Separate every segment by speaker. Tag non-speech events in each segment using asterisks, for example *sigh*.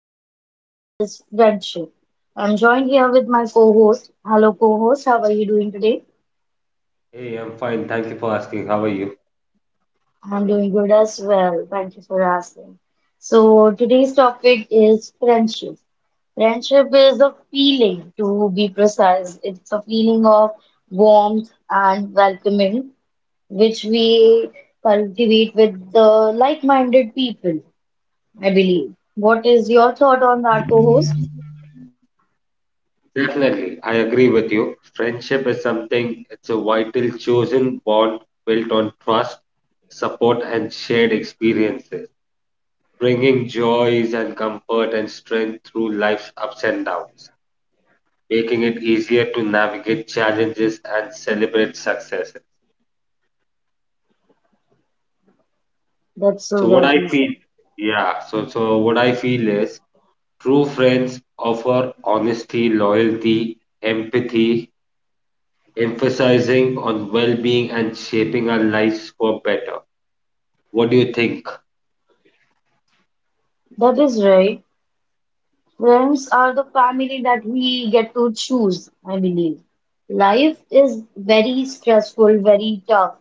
Speaker 1: Today's topic is friendship. I'm joined here with my co-host. Hello co-host, how are you doing today?
Speaker 2: Hey, I'm fine. Thank you for asking. How are you?
Speaker 1: I'm doing good as well. Thank you for asking. So today's topic is friendship. Friendship is a feeling, to be precise. It's a feeling of warmth and welcoming, which we cultivate with the like-minded people, I believe. What is your thought on that, co-host?
Speaker 2: Definitely, I agree with you. Friendship is something, it's a vital chosen bond built on trust, support, and shared experiences, bringing joys and comfort and strength through life's ups and downs, making it easier to navigate challenges and celebrate successes.
Speaker 1: That's so
Speaker 2: So what I
Speaker 1: rightly
Speaker 2: feel,
Speaker 1: said.
Speaker 2: yeah, so what I feel is true friends offer honesty, loyalty, empathy, emphasizing on well-being and shaping our lives for better. What do you think?
Speaker 1: That is right. Friends are the family that we get to choose, I believe. Life is very stressful, very tough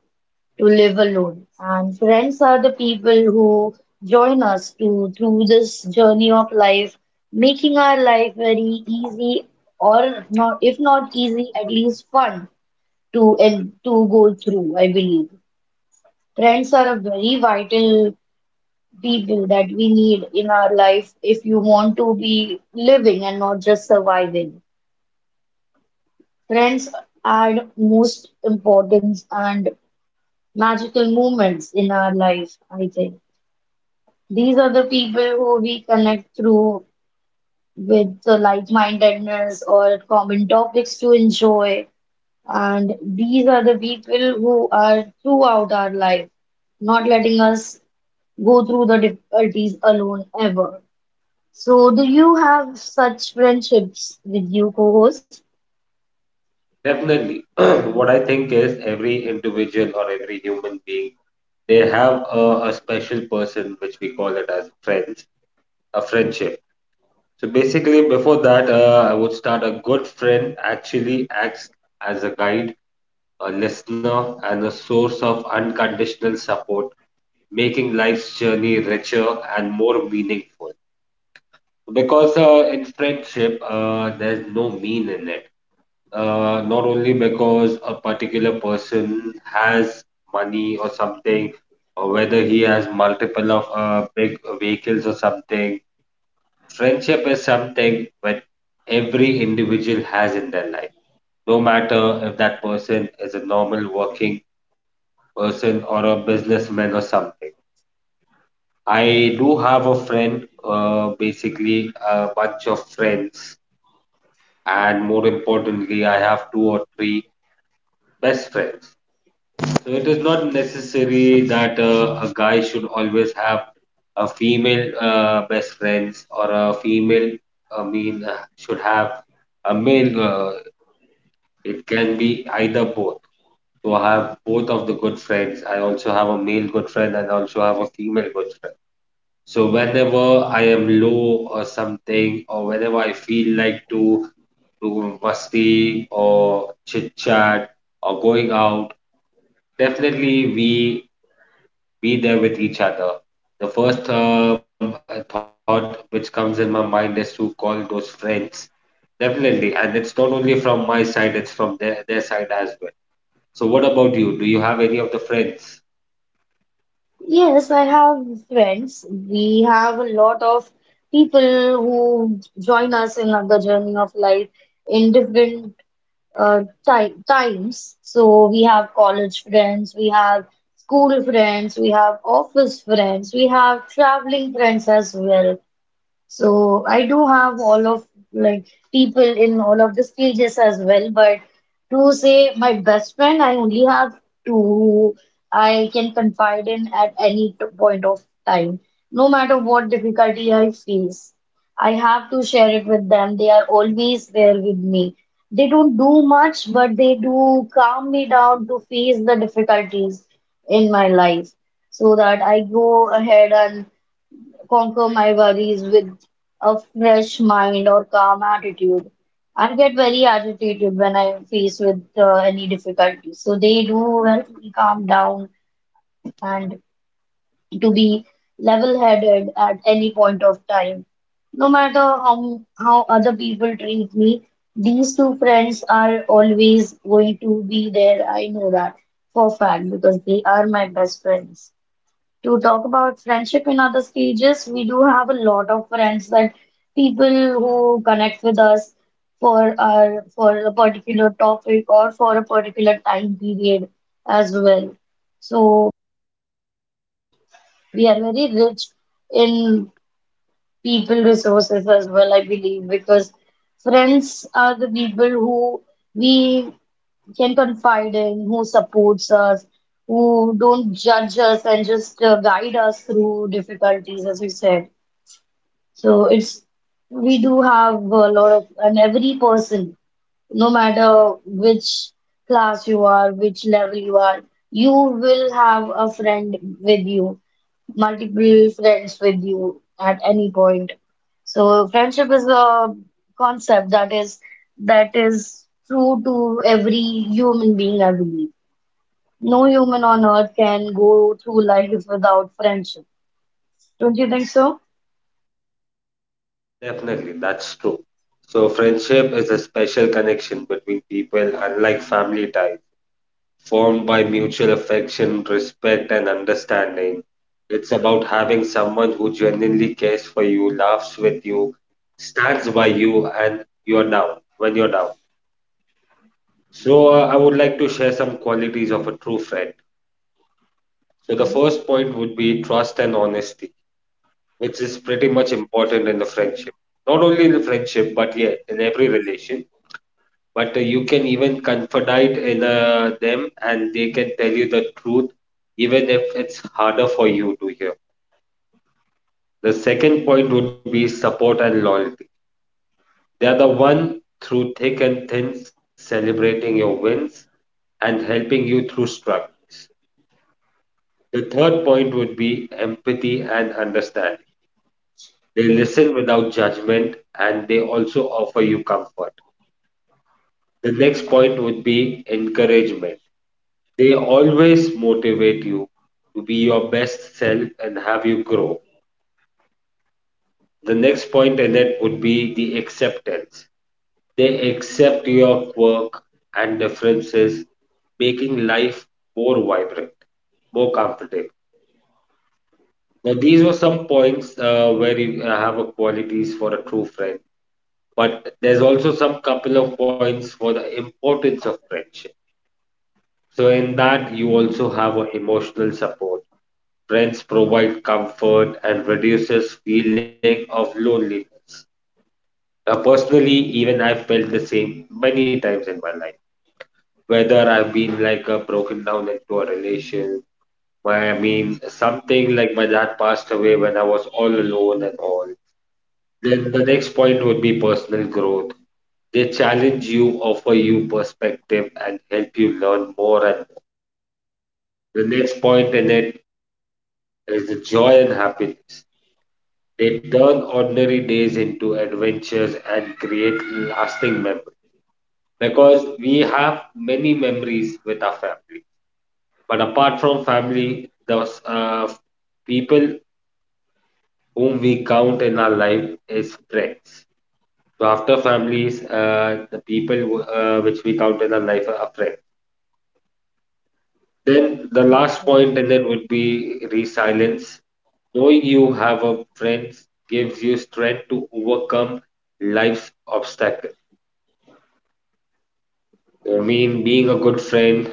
Speaker 1: to live alone, and friends are the people who join us to through this journey of life, making our life very easy, or not, if not easy, at least fun to and to go through, I believe. Friends are a very vital people that we need in our life if you want to be living and not just surviving. Friends add most importance and magical moments in our life, I think. These are the people who we connect through with the like-mindedness or common topics to enjoy. And these are the people who are throughout our life, not letting us go through the difficulties alone ever. So, do you have such friendships with you, co-host?
Speaker 2: Definitely. *clears throat* What I think is every individual or every human being, they have a special person, which we call it as friends, a friendship. So basically, before that, I would start a good friend actually acts as a guide, a listener, and a source of unconditional support, making life's journey richer and more meaningful. Because in friendship, there's no mean in it. Not only because a particular person has money or something, or whether he has multiple of big vehicles or something. Friendship is something that every individual has in their life. No matter if that person is a normal working person or a businessman or something. I do have a friend, basically a bunch of friends and more importantly, I have two or three best friends. So it is not necessary that a guy should always have a female best friends or a female, I mean, should have a male. It can be either both. So I have both of the good friends. I also have a male good friend and also have a female good friend. So whenever I am low or something, or whenever I feel like to room musty or chit chat or going out, definitely we be there with each other. The first thought which comes in my mind is to call those friends. Definitely, and it's not only from my side; it's from their side as well. So, what about you? Do you have any of the friends?
Speaker 1: Yes, I have friends. We have a lot of people who join us in the journey of life in different ti times. So, we have college friends, we have school friends, we have office friends, we have traveling friends as well. So I do have all of like people in all of the stages as well, but to say my best friend, I only have two who I can confide in at any point of time, no matter what difficulty I face. I have to share it with them. They are always there with me. They don't do much, but they do calm me down to face the difficulties in my life so that I go ahead and conquer my worries with a fresh mind or calm attitude. I get very agitated when I face with any difficulty. So they do help me calm down and to be level-headed at any point of time. No matter how other people treat me, these two friends are always going to be there. I know that for a fact because they are my best friends. To talk about friendship in other stages, we do have a lot of friends that people who connect with us for our for a particular topic or for a particular time period as well. So we are very rich in people resources as well, I believe, because friends are the people who we can confide in, who supports us, who don't judge us and just guide us through difficulties, as you said. So it's we do have a lot of, and every person, no matter which class you are, which level you are, you will have a friend with you, multiple friends with you at any point. So friendship is a concept that is true to every human being, I believe. No human on earth can go through life without friendship. Don't you think so?
Speaker 2: Definitely, that's true. So, friendship is a special connection between people, unlike family ties, formed by mutual affection, respect, and understanding. It's about having someone who genuinely cares for you, laughs with you, stands by you, and you're down when you're down. So, I would like to share some qualities of a true friend. So, the first point would be trust and honesty, which is pretty much important in the friendship. Not only in the friendship, but yeah, in every relation, but you can even confide in them and they can tell you the truth even if it's harder for you to hear. The second point would be support and loyalty. They are the one through thick and thin, celebrating your wins and helping you through struggles. The third point would be empathy and understanding. They listen without judgment and they also offer you comfort. The next point would be encouragement. They always motivate you to be your best self and have you grow. The next point in it would be the acceptance. They accept your quirk and differences, making life more vibrant, more comfortable. Now, these were some points where you have a qualities for a true friend, but there's also some couple of points for the importance of friendship. So, in that, you also
Speaker 1: Mhm.
Speaker 2: have a emotional support. Friends provide comfort and reduces feeling of loneliness. Now, personally, even I felt the same many times in my life. Whether I've been like a broken down into a relation, why I mean something like my dad passed away when I was all alone and all. Then the next point would be personal growth. They challenge you, offer you perspective, and help you learn more and more. The next point in it is the joy and happiness. They turn ordinary days into adventures and create lasting memories. Because we have many memories with our family. But apart from family, those people whom we count in our life is friends. So after families, the people which we count in our life are friends. Then the
Speaker 1: That's
Speaker 2: last
Speaker 1: right.
Speaker 2: point in it would be resilience. Knowing you have a friend gives you strength to overcome life's obstacles. I mean, being a good friend,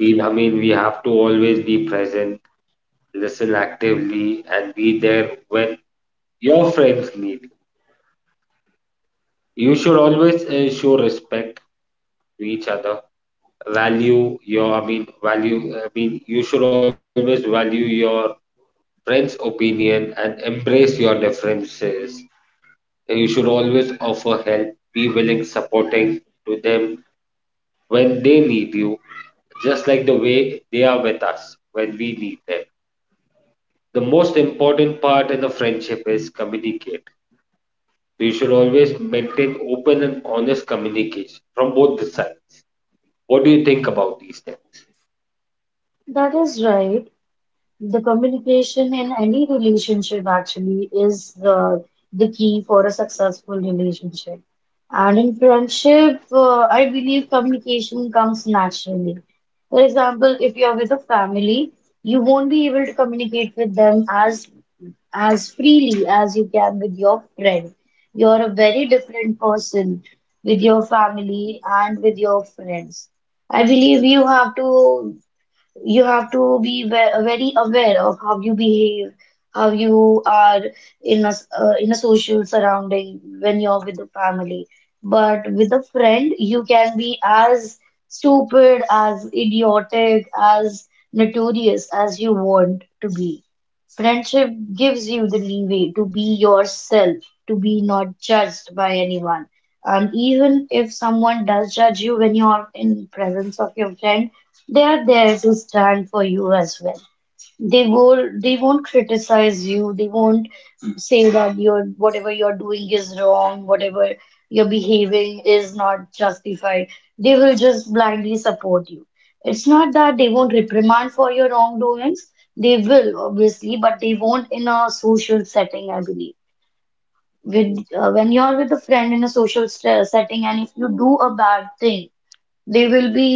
Speaker 2: we, I mean, we have to always be present, listen actively, and be there when your friends need. You should always show respect to each other. Value your, I mean, value, I mean, you should always value your friend's opinion and embrace your differences. You should always offer help, be willing, supporting to them when they need you, just like the way they are with us when we need them. The most important part in a friendship is communicate. You should always maintain open and honest communication from both the sides. What do you think about these things?
Speaker 1: That is right. The communication in any relationship actually is the key for a successful relationship. And in friendship, I believe communication comes naturally. For example, if you are with a family, you won't be able to communicate with them as freely as you can with your friend. You're a very different person with your family and with your friends. I believe you have to be very aware of how you behave, how you are in a in a social surrounding when you're with the family. But with a friend, you can be as stupid, as idiotic, as notorious as you want to be. Friendship gives you the leeway to be yourself, to be not judged by anyone. And even if someone does judge you when you're in presence of your friend, they are there to stand for you as well. They will they won't criticize you, they won't say that you're whatever you're doing is wrong, whatever you're behaving is not justified. They will just blindly support you. It's not that they won't reprimand for your wrongdoings. They will, obviously, but they won't in a social setting, I believe. With when you're with a friend in a social st setting and if you do a bad thing, they will be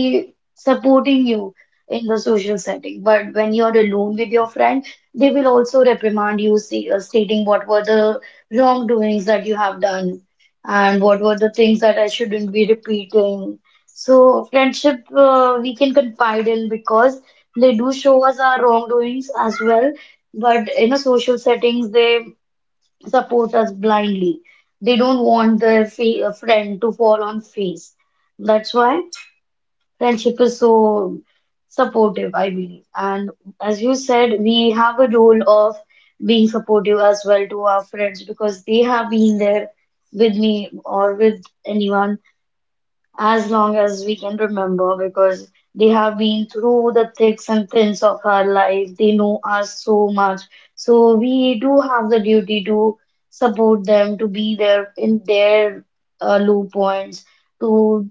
Speaker 1: supporting you in the social setting, but when you're alone with your friend they will also reprimand you see, stating what were the wrongdoings that you have done and what were the things that I shouldn't be repeating. So friendship we can confide in because they do show us our wrongdoings as well, but in a social settings they support us blindly. They don't want their friend to fall on face. That's why friendship is so supportive, I believe. And as you said, we have a role of being supportive as well to our friends because they have been there with me or with anyone as long as we can remember because they have been through the thicks and thins of our life. They know us so much. So we do have the duty to support them, to be there in their low points, to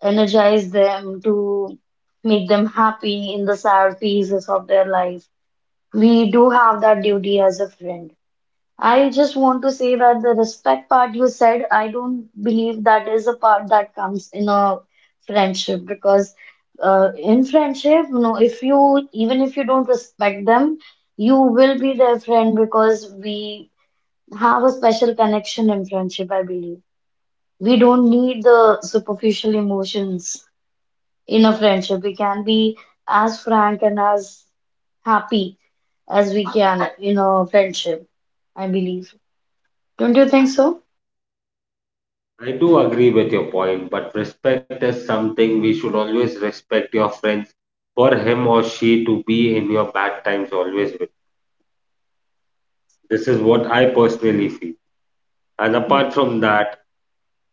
Speaker 1: energize them, to make them happy in the sad phases of their life. We do have that duty as a friend. I just want to say that the respect part you said, I don't believe that is a part that comes in a friendship, because in friendship, you know, if you even if you don't respect them, you will be their friend because we have a special connection in friendship, I believe. We don't need the superficial emotions in a friendship. We can be as frank and as happy as we can in a friendship, I believe. Don't you think so?
Speaker 2: I do agree with your point, but respect is something we should always respect your friends for him or she to be in your bad times always with. This is what I personally feel. And apart
Speaker 1: Okay.
Speaker 2: from that,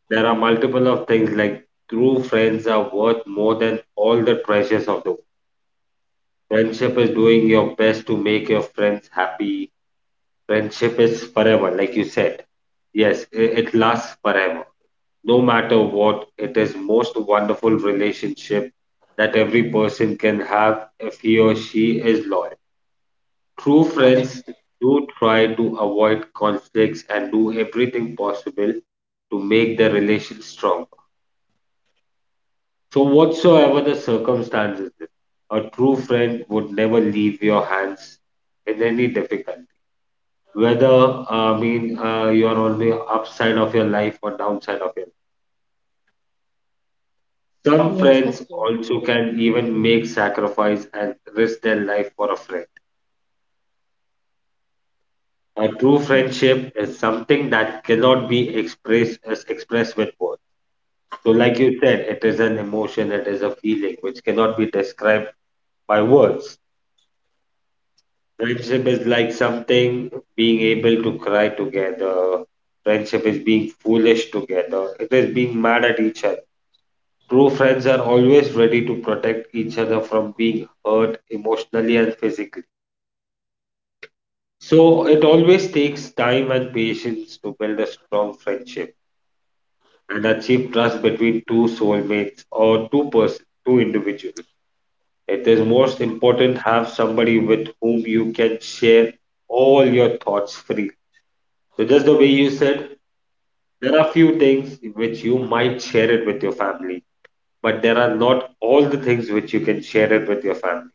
Speaker 2: there are multiple of things like true friends are worth more than all the treasures of the world. Friendship is doing your best to make your friends happy. Friendship is forever, like you said. Yes, it lasts forever. No matter what, it is most wonderful relationship that every person can have if he or she is loyal. True friends do try to avoid conflicts and do everything possible to make their relations strong. So, whatsoever the circumstances is, a true friend would never leave your hands in any difficulty. Whether I mean you are on the upside of your life or downside of your life. Some
Speaker 1: Yes,
Speaker 2: friends
Speaker 1: that's yeah.
Speaker 2: also can even make sacrifice and risk their life for a friend. A true
Speaker 1: Yeah.
Speaker 2: friendship is something that cannot be expressed with words. So, like you said, it is an emotion, it is a feeling which cannot be described by words. Friendship is like something being able to cry together. Friendship is being foolish together. It is being mad at each other. True friends are always ready to protect each other from being hurt emotionally and physically. So it always takes time and patience to build a strong friendship and achieve trust between two soulmates or two persons, two individuals. It is most important have somebody with whom you can share all your thoughts freely. So just the way you said, there are few things which you might share it with your family, but there are not all the things which you can share it with your family.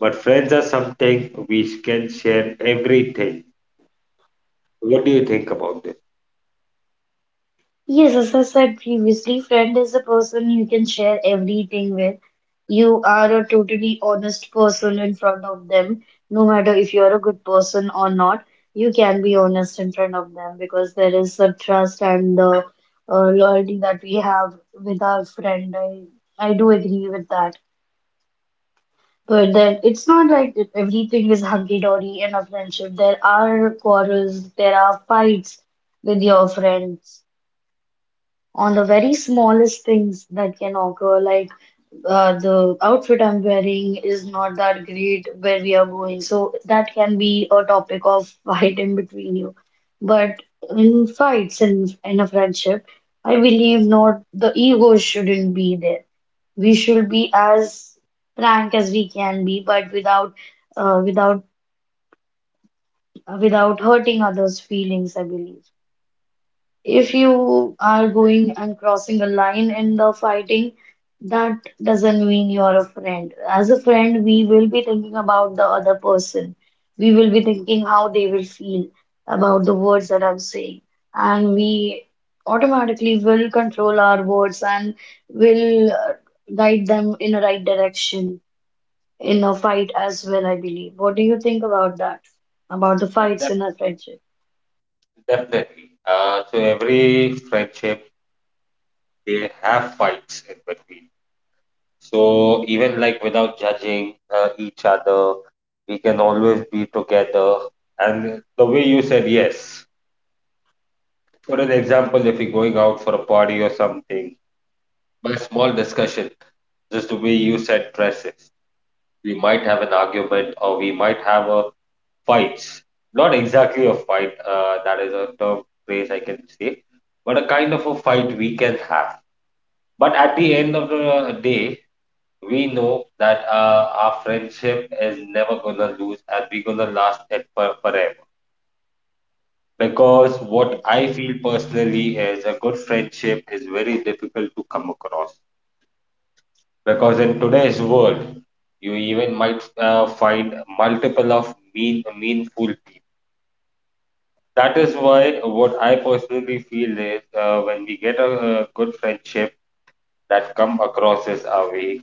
Speaker 2: But friends are something we can share everything. What do you think about this?
Speaker 1: Yes, as I said previously, friend is a person you can share everything with. You are a totally honest person in front of them. No matter if you're a good person or not, you can be honest in front of them because there is a trust and the loyalty that we have with our friend. I do agree with that. But then, it's not like that everything is hunky dory in a friendship. There are quarrels, there are fights with your friends on the very smallest things that can occur, like the outfit I'm wearing is not that great where we are going. So that can be a topic of *laughs* fight in between you. But in fights and in a friendship, I believe not the ego shouldn't be there. We should be as frank as we can be, but without uh, without without hurting others' feelings, I believe. If you are going and crossing a line in the fighting, that doesn't mean you're a friend. As a friend, we will be thinking about the other person. We will be thinking how they will feel about the words that I'm saying. And we automatically will control our words and will guide them in a right direction in a fight as well, I believe. What do you think about that? About the
Speaker 2: Yes,
Speaker 1: fights in a friendship?
Speaker 2: definitely. So every friendship they have fights in between. So even like without judging each other, we can always be together. And the way you said, yes, for an example, if you're going out for a party or something, by small discussion, just the way you said dresses, we might have an argument or we might have a fight. Not exactly a fight, that is a term phrase I can say, but a kind of a fight we can have. But at the
Speaker 1: Mhm.
Speaker 2: end of the day, we know that our friendship is never gonna lose and we're gonna last it for forever. Because what
Speaker 1: That's
Speaker 2: I
Speaker 1: right.
Speaker 2: feel personally is a good friendship is very difficult to come across. Because in today's world, you even might find multiple of meanful people. That is why what I personally feel is when we get a good friendship that come across as our way,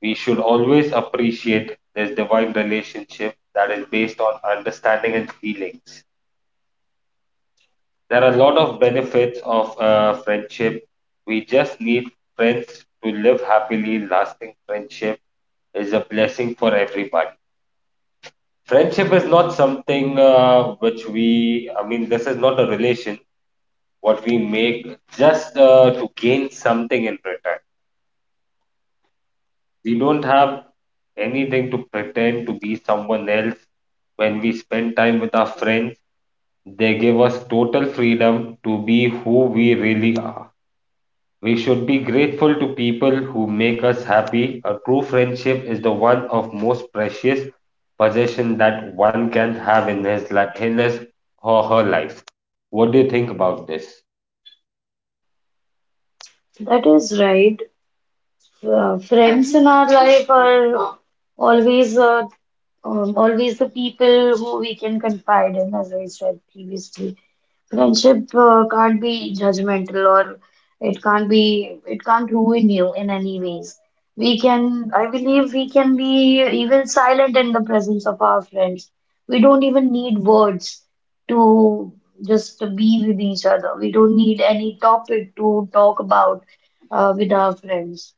Speaker 2: we should always appreciate this divine relationship that is based on understanding and feelings. There are a lot of benefits of friendship. We just need friends to live happily. Lasting friendship is a blessing for everybody. Friendship is not something which we, I mean, this is not a relation what we make just to gain something in return. We don't have anything to pretend to be someone else. When we spend time with our friends, they give us total freedom to be who we really are. We should be grateful to people who make us happy. A true friendship is the one of most precious possession that one can have in his in his or her life. What do you think about this?
Speaker 1: That is right. Friends in our life are always always the people who we can confide in, as I said previously. Friendship can't be judgmental or it can't be it can't ruin you in any ways. We can, I believe we can be even silent in the presence of our friends. We don't even need words to just to be with each other. We don't need any topic to talk about with our friends.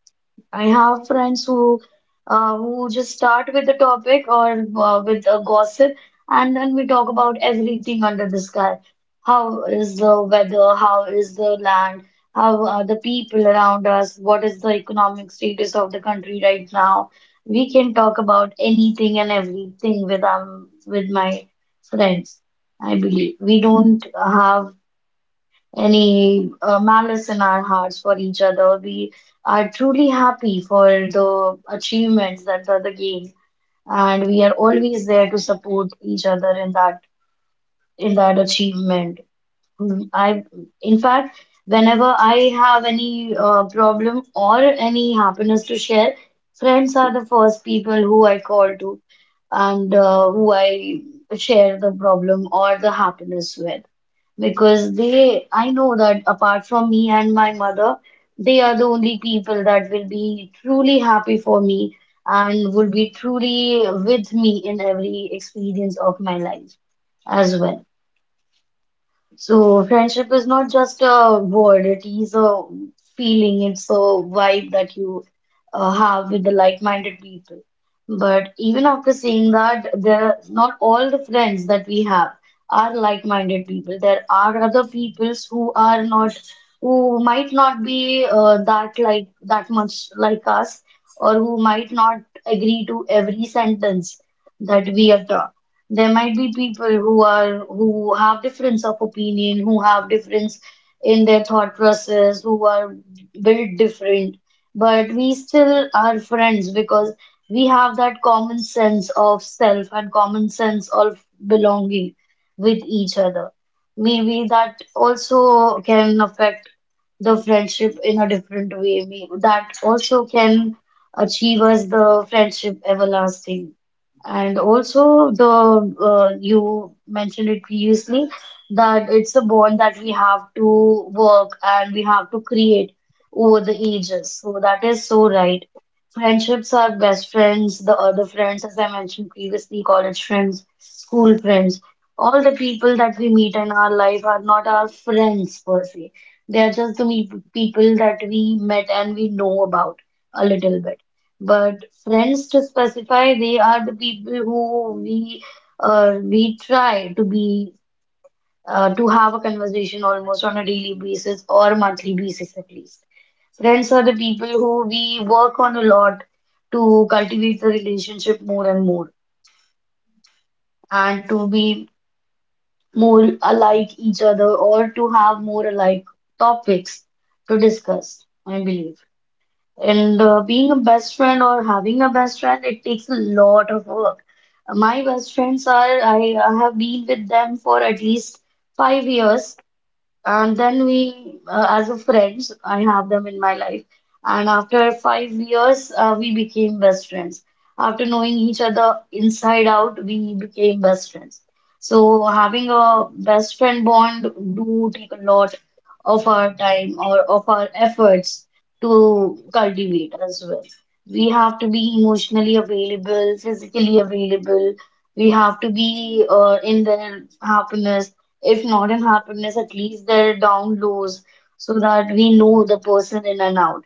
Speaker 1: I have friends who just start with the topic or with a gossip, and then we talk about everything under the sky. How is the weather? How is the land? How are the people around us? What is the economic status of the country right now? We can talk about anything and everything with my friends. I believe we don't have any malice in our hearts for each other. We are truly happy for the achievements that the other gained, and we are always there to support each other in that achievement. Mm, in fact, whenever I have any problem or any happiness to share, friends are the first people who I call to and who I share the problem or the happiness with because I know that apart from me and my mother, they are the only people that will be truly happy for me and will be truly with me in every experience of my life as well. So friendship is not just a word, it is a feeling, it's a vibe that you have with the like-minded people. But even after saying that, there not all the friends that we have are like-minded people. There are other peoples who are not, who might not be that like that much like us, or who might not agree to every sentence that we utter. There might be people who are who have difference of opinion, who have difference in their thought process, who are built different, but we still are friends because we have that common sense of self and common sense of belonging with each other. Maybe that also can affect the friendship in a different way. That also can achieve us the friendship everlasting. And also the you mentioned it previously that it's a bond that we have to work and we have to create over the ages. So that is so right. Friendships are best friends, the other friends, as I mentioned previously, college friends, school friends. All the people that we meet in our life are not our friends per se. They are just the me people that we met and we know about a little bit. But friends to specify, they are the people who we try to be to have a conversation almost on a daily basis or monthly basis at least. Friends are the people who we work on a lot to cultivate the relationship more and more and to be more alike each other or to have more alike topics to discuss, I believe. And being a best friend or having a best friend, it takes a lot of work. My best friends are, I have been with them for at least 5 years. And then we, as a friends, I have them in my life. And after 5 years, we became best friends. After knowing each other inside out, we became best friends. So having a best friend bond do take a lot of our time or of our efforts to cultivate as well. We have to be emotionally available, physically available. We have to be in their happiness, if not in happiness, at least their down lows, so that we know the person in and out.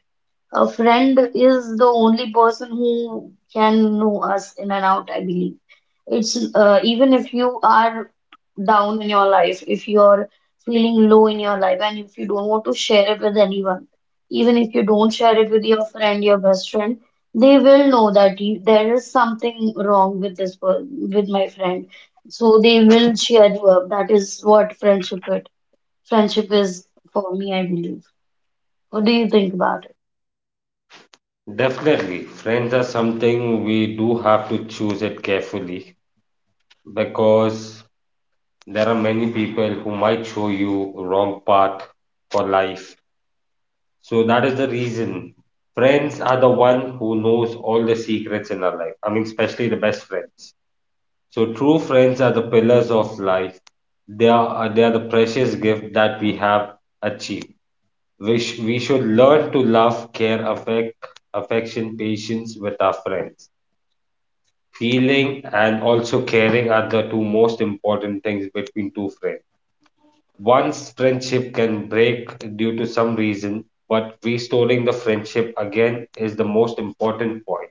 Speaker 1: A friend is the only person who can know us in and out, I believe. It's Even if you are down in your life, if you're feeling low in your life, and if you don't want to share it with anyone, even if you don't share it with your friend, your best friend, they will know that there is something wrong with this per with my friend. So they will cheer you up. That is what friendship is for me, I believe. What do you think about it?
Speaker 2: Definitely, friends are something we do have to choose it carefully because there are many people who might show you wrong path for life. So that is the reason. Friends are the one who knows all the secrets in our life. I mean, especially the best friends. So true friends are the pillars of life. They are the precious gift that we have achieved. We, we should learn to love, care, affect, affection, patience with our friends. Feeling and also caring are the two most important things between two friends. One's friendship can break due to some reason, but restoring the friendship again is the most important point.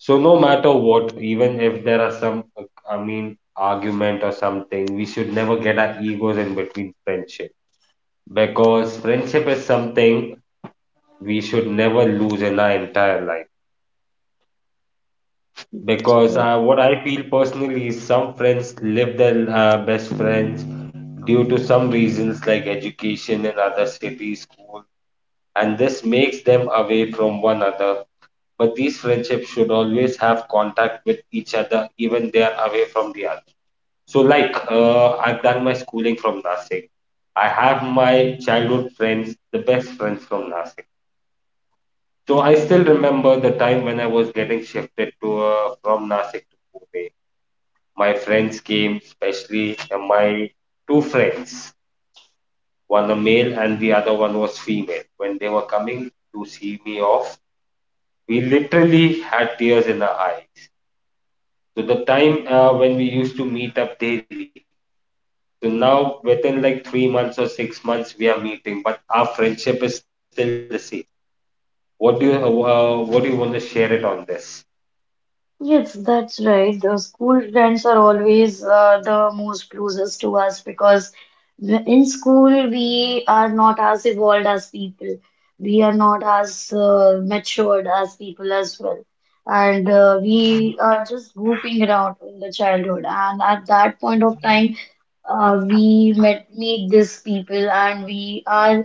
Speaker 2: So, no matter what, even if there are some, I mean, argument or something, we should never get our egos in between friendship because friendship is something we should never lose in our entire life. Because
Speaker 1: Sorry.
Speaker 2: what I feel personally is some friends live their best friends due to some reasons like education in other cities, school, and this makes them away from one another. But these friendships should always have contact with each other, even they are away from the other. So, like, I've done my schooling from Nasik. I have my childhood friends, the best friends from Nasik. So I still remember the time when I was getting shifted to from Nasik to Pune. My friends came, especially my two friends, one a male and the other one was female. When they were coming to see me off, we literally had tears in our eyes. So the time when we used to meet up daily. So now within like 3 months or 6 months we are meeting, but our friendship is still the same. What do you what do you want to share it on this?
Speaker 1: Yes, that's right. The school friends are always the most closest to us because in school we are not as evolved as people. We are not as matured as people as well. And we are just goofing around in the childhood. And at that point of time, we met meet these people and we are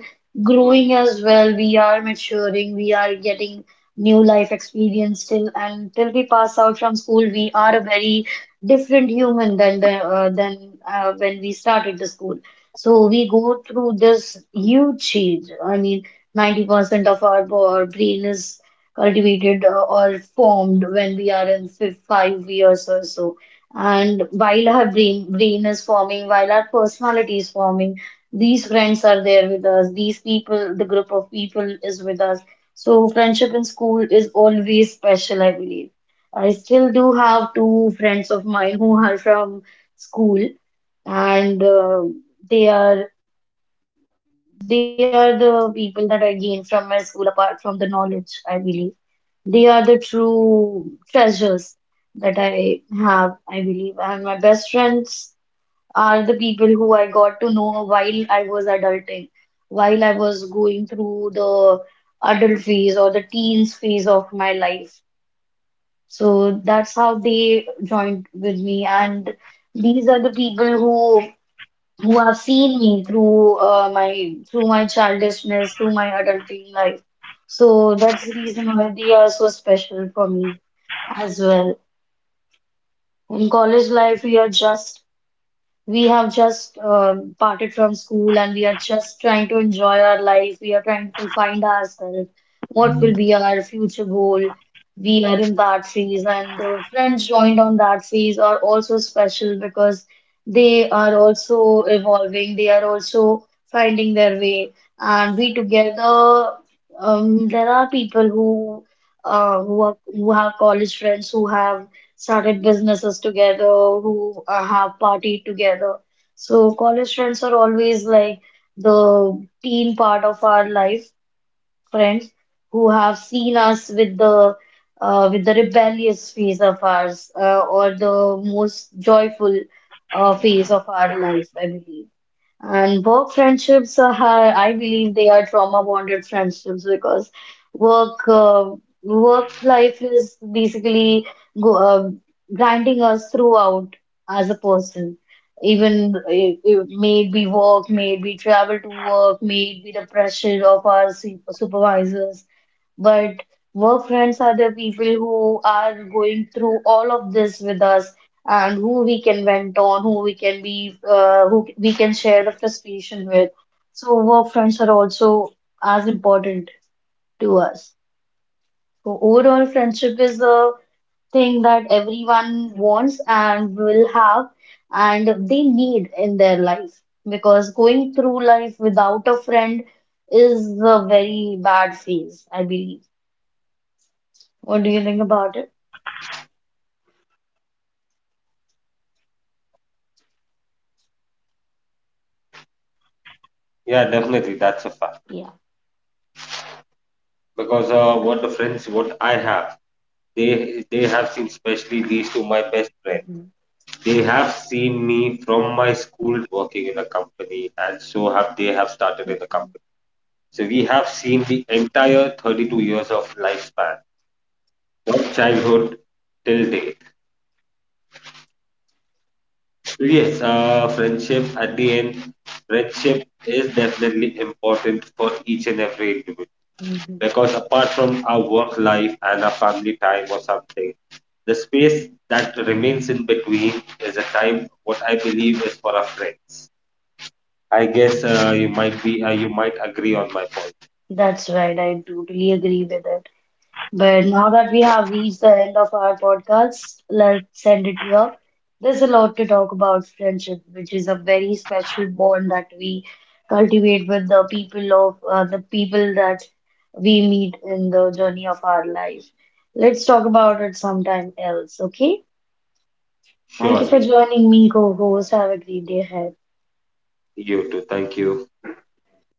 Speaker 1: growing as well, we are maturing, we are getting new life experience, till and till we pass out from school we are a very different human than the than when we started the school. So we go through this huge change. I mean, 90% of our brain is cultivated or formed when we are in 5 years or so. And while our brain is forming, while our personality is forming, these friends are there with us, these people, the group of people is with us. So friendship in school is always special, I believe. I still do have two friends of mine who are from school, and they are they are the people that I gained from my school apart from the knowledge, I believe. They are the true treasures that I have, I believe. And my best friends are the people who I got to know while I was adulting, while I was going through the adult phase or the teens phase of my life. So that's how they joined with me. And these are the people who have seen me through my childishness to my adulting life. So that's the reason why they are so special for me as well. In college life, we have just parted from school and we are just trying to enjoy our life. We are trying to find ourselves. What will be our future goal? We are in that phase, and the friends joined on that phase are also special because they are also evolving. They are also finding their way. And we together, there are people who have college friends who have started businesses together, who have partied together. So college friends are always like the teen part of our life, friends who have seen us with the rebellious phase of ours or the most joyful phase of our life, I believe. And work friendships are, I believe they are trauma bonded friendships because work uh, work life is basically go, uh, grinding us throughout as a person. Even if, may it be work, may it be travel to work, may it be the pressure of our supervisors. But work friends are the people who are going through all of this with us and who we can vent on, who we can who we can share the frustration with. So work friends are also as important to us. So overall, friendship is a thing that everyone wants and will have and they need in their life, because going through life without a friend is a very bad phase, I believe. What do you think about it?
Speaker 2: Yeah, definitely that's a fact
Speaker 1: Yeah.
Speaker 2: because what the friends what I have they have seen especially these two my best friends.
Speaker 1: Hmm.
Speaker 2: They have seen me from my school time till the time I have become an adult and have started working in a
Speaker 1: Okay.
Speaker 2: company, and so have they have started in the company. So we have seen the entire 32 years of lifespan from childhood till date. So yes, friendship at the end, friendship is definitely important for each and every individual.
Speaker 1: Hmm.
Speaker 2: Because apart from our work life and our family time or something, the space that remains in between is a time what I believe is for our friends. I guess you might be you might agree on my point.
Speaker 1: That's right. I totally agree with it. But now that we have reached the end of our podcast, let's end it here. There's a lot to talk about friendship, which is a very special bond that we cultivate with the people of the people that we meet in the journey of our life. Let's talk about it sometime else, okay? Thank you for joining me,
Speaker 2: Surely,
Speaker 1: co-host. Have a great day ahead.
Speaker 2: you too. Thank you.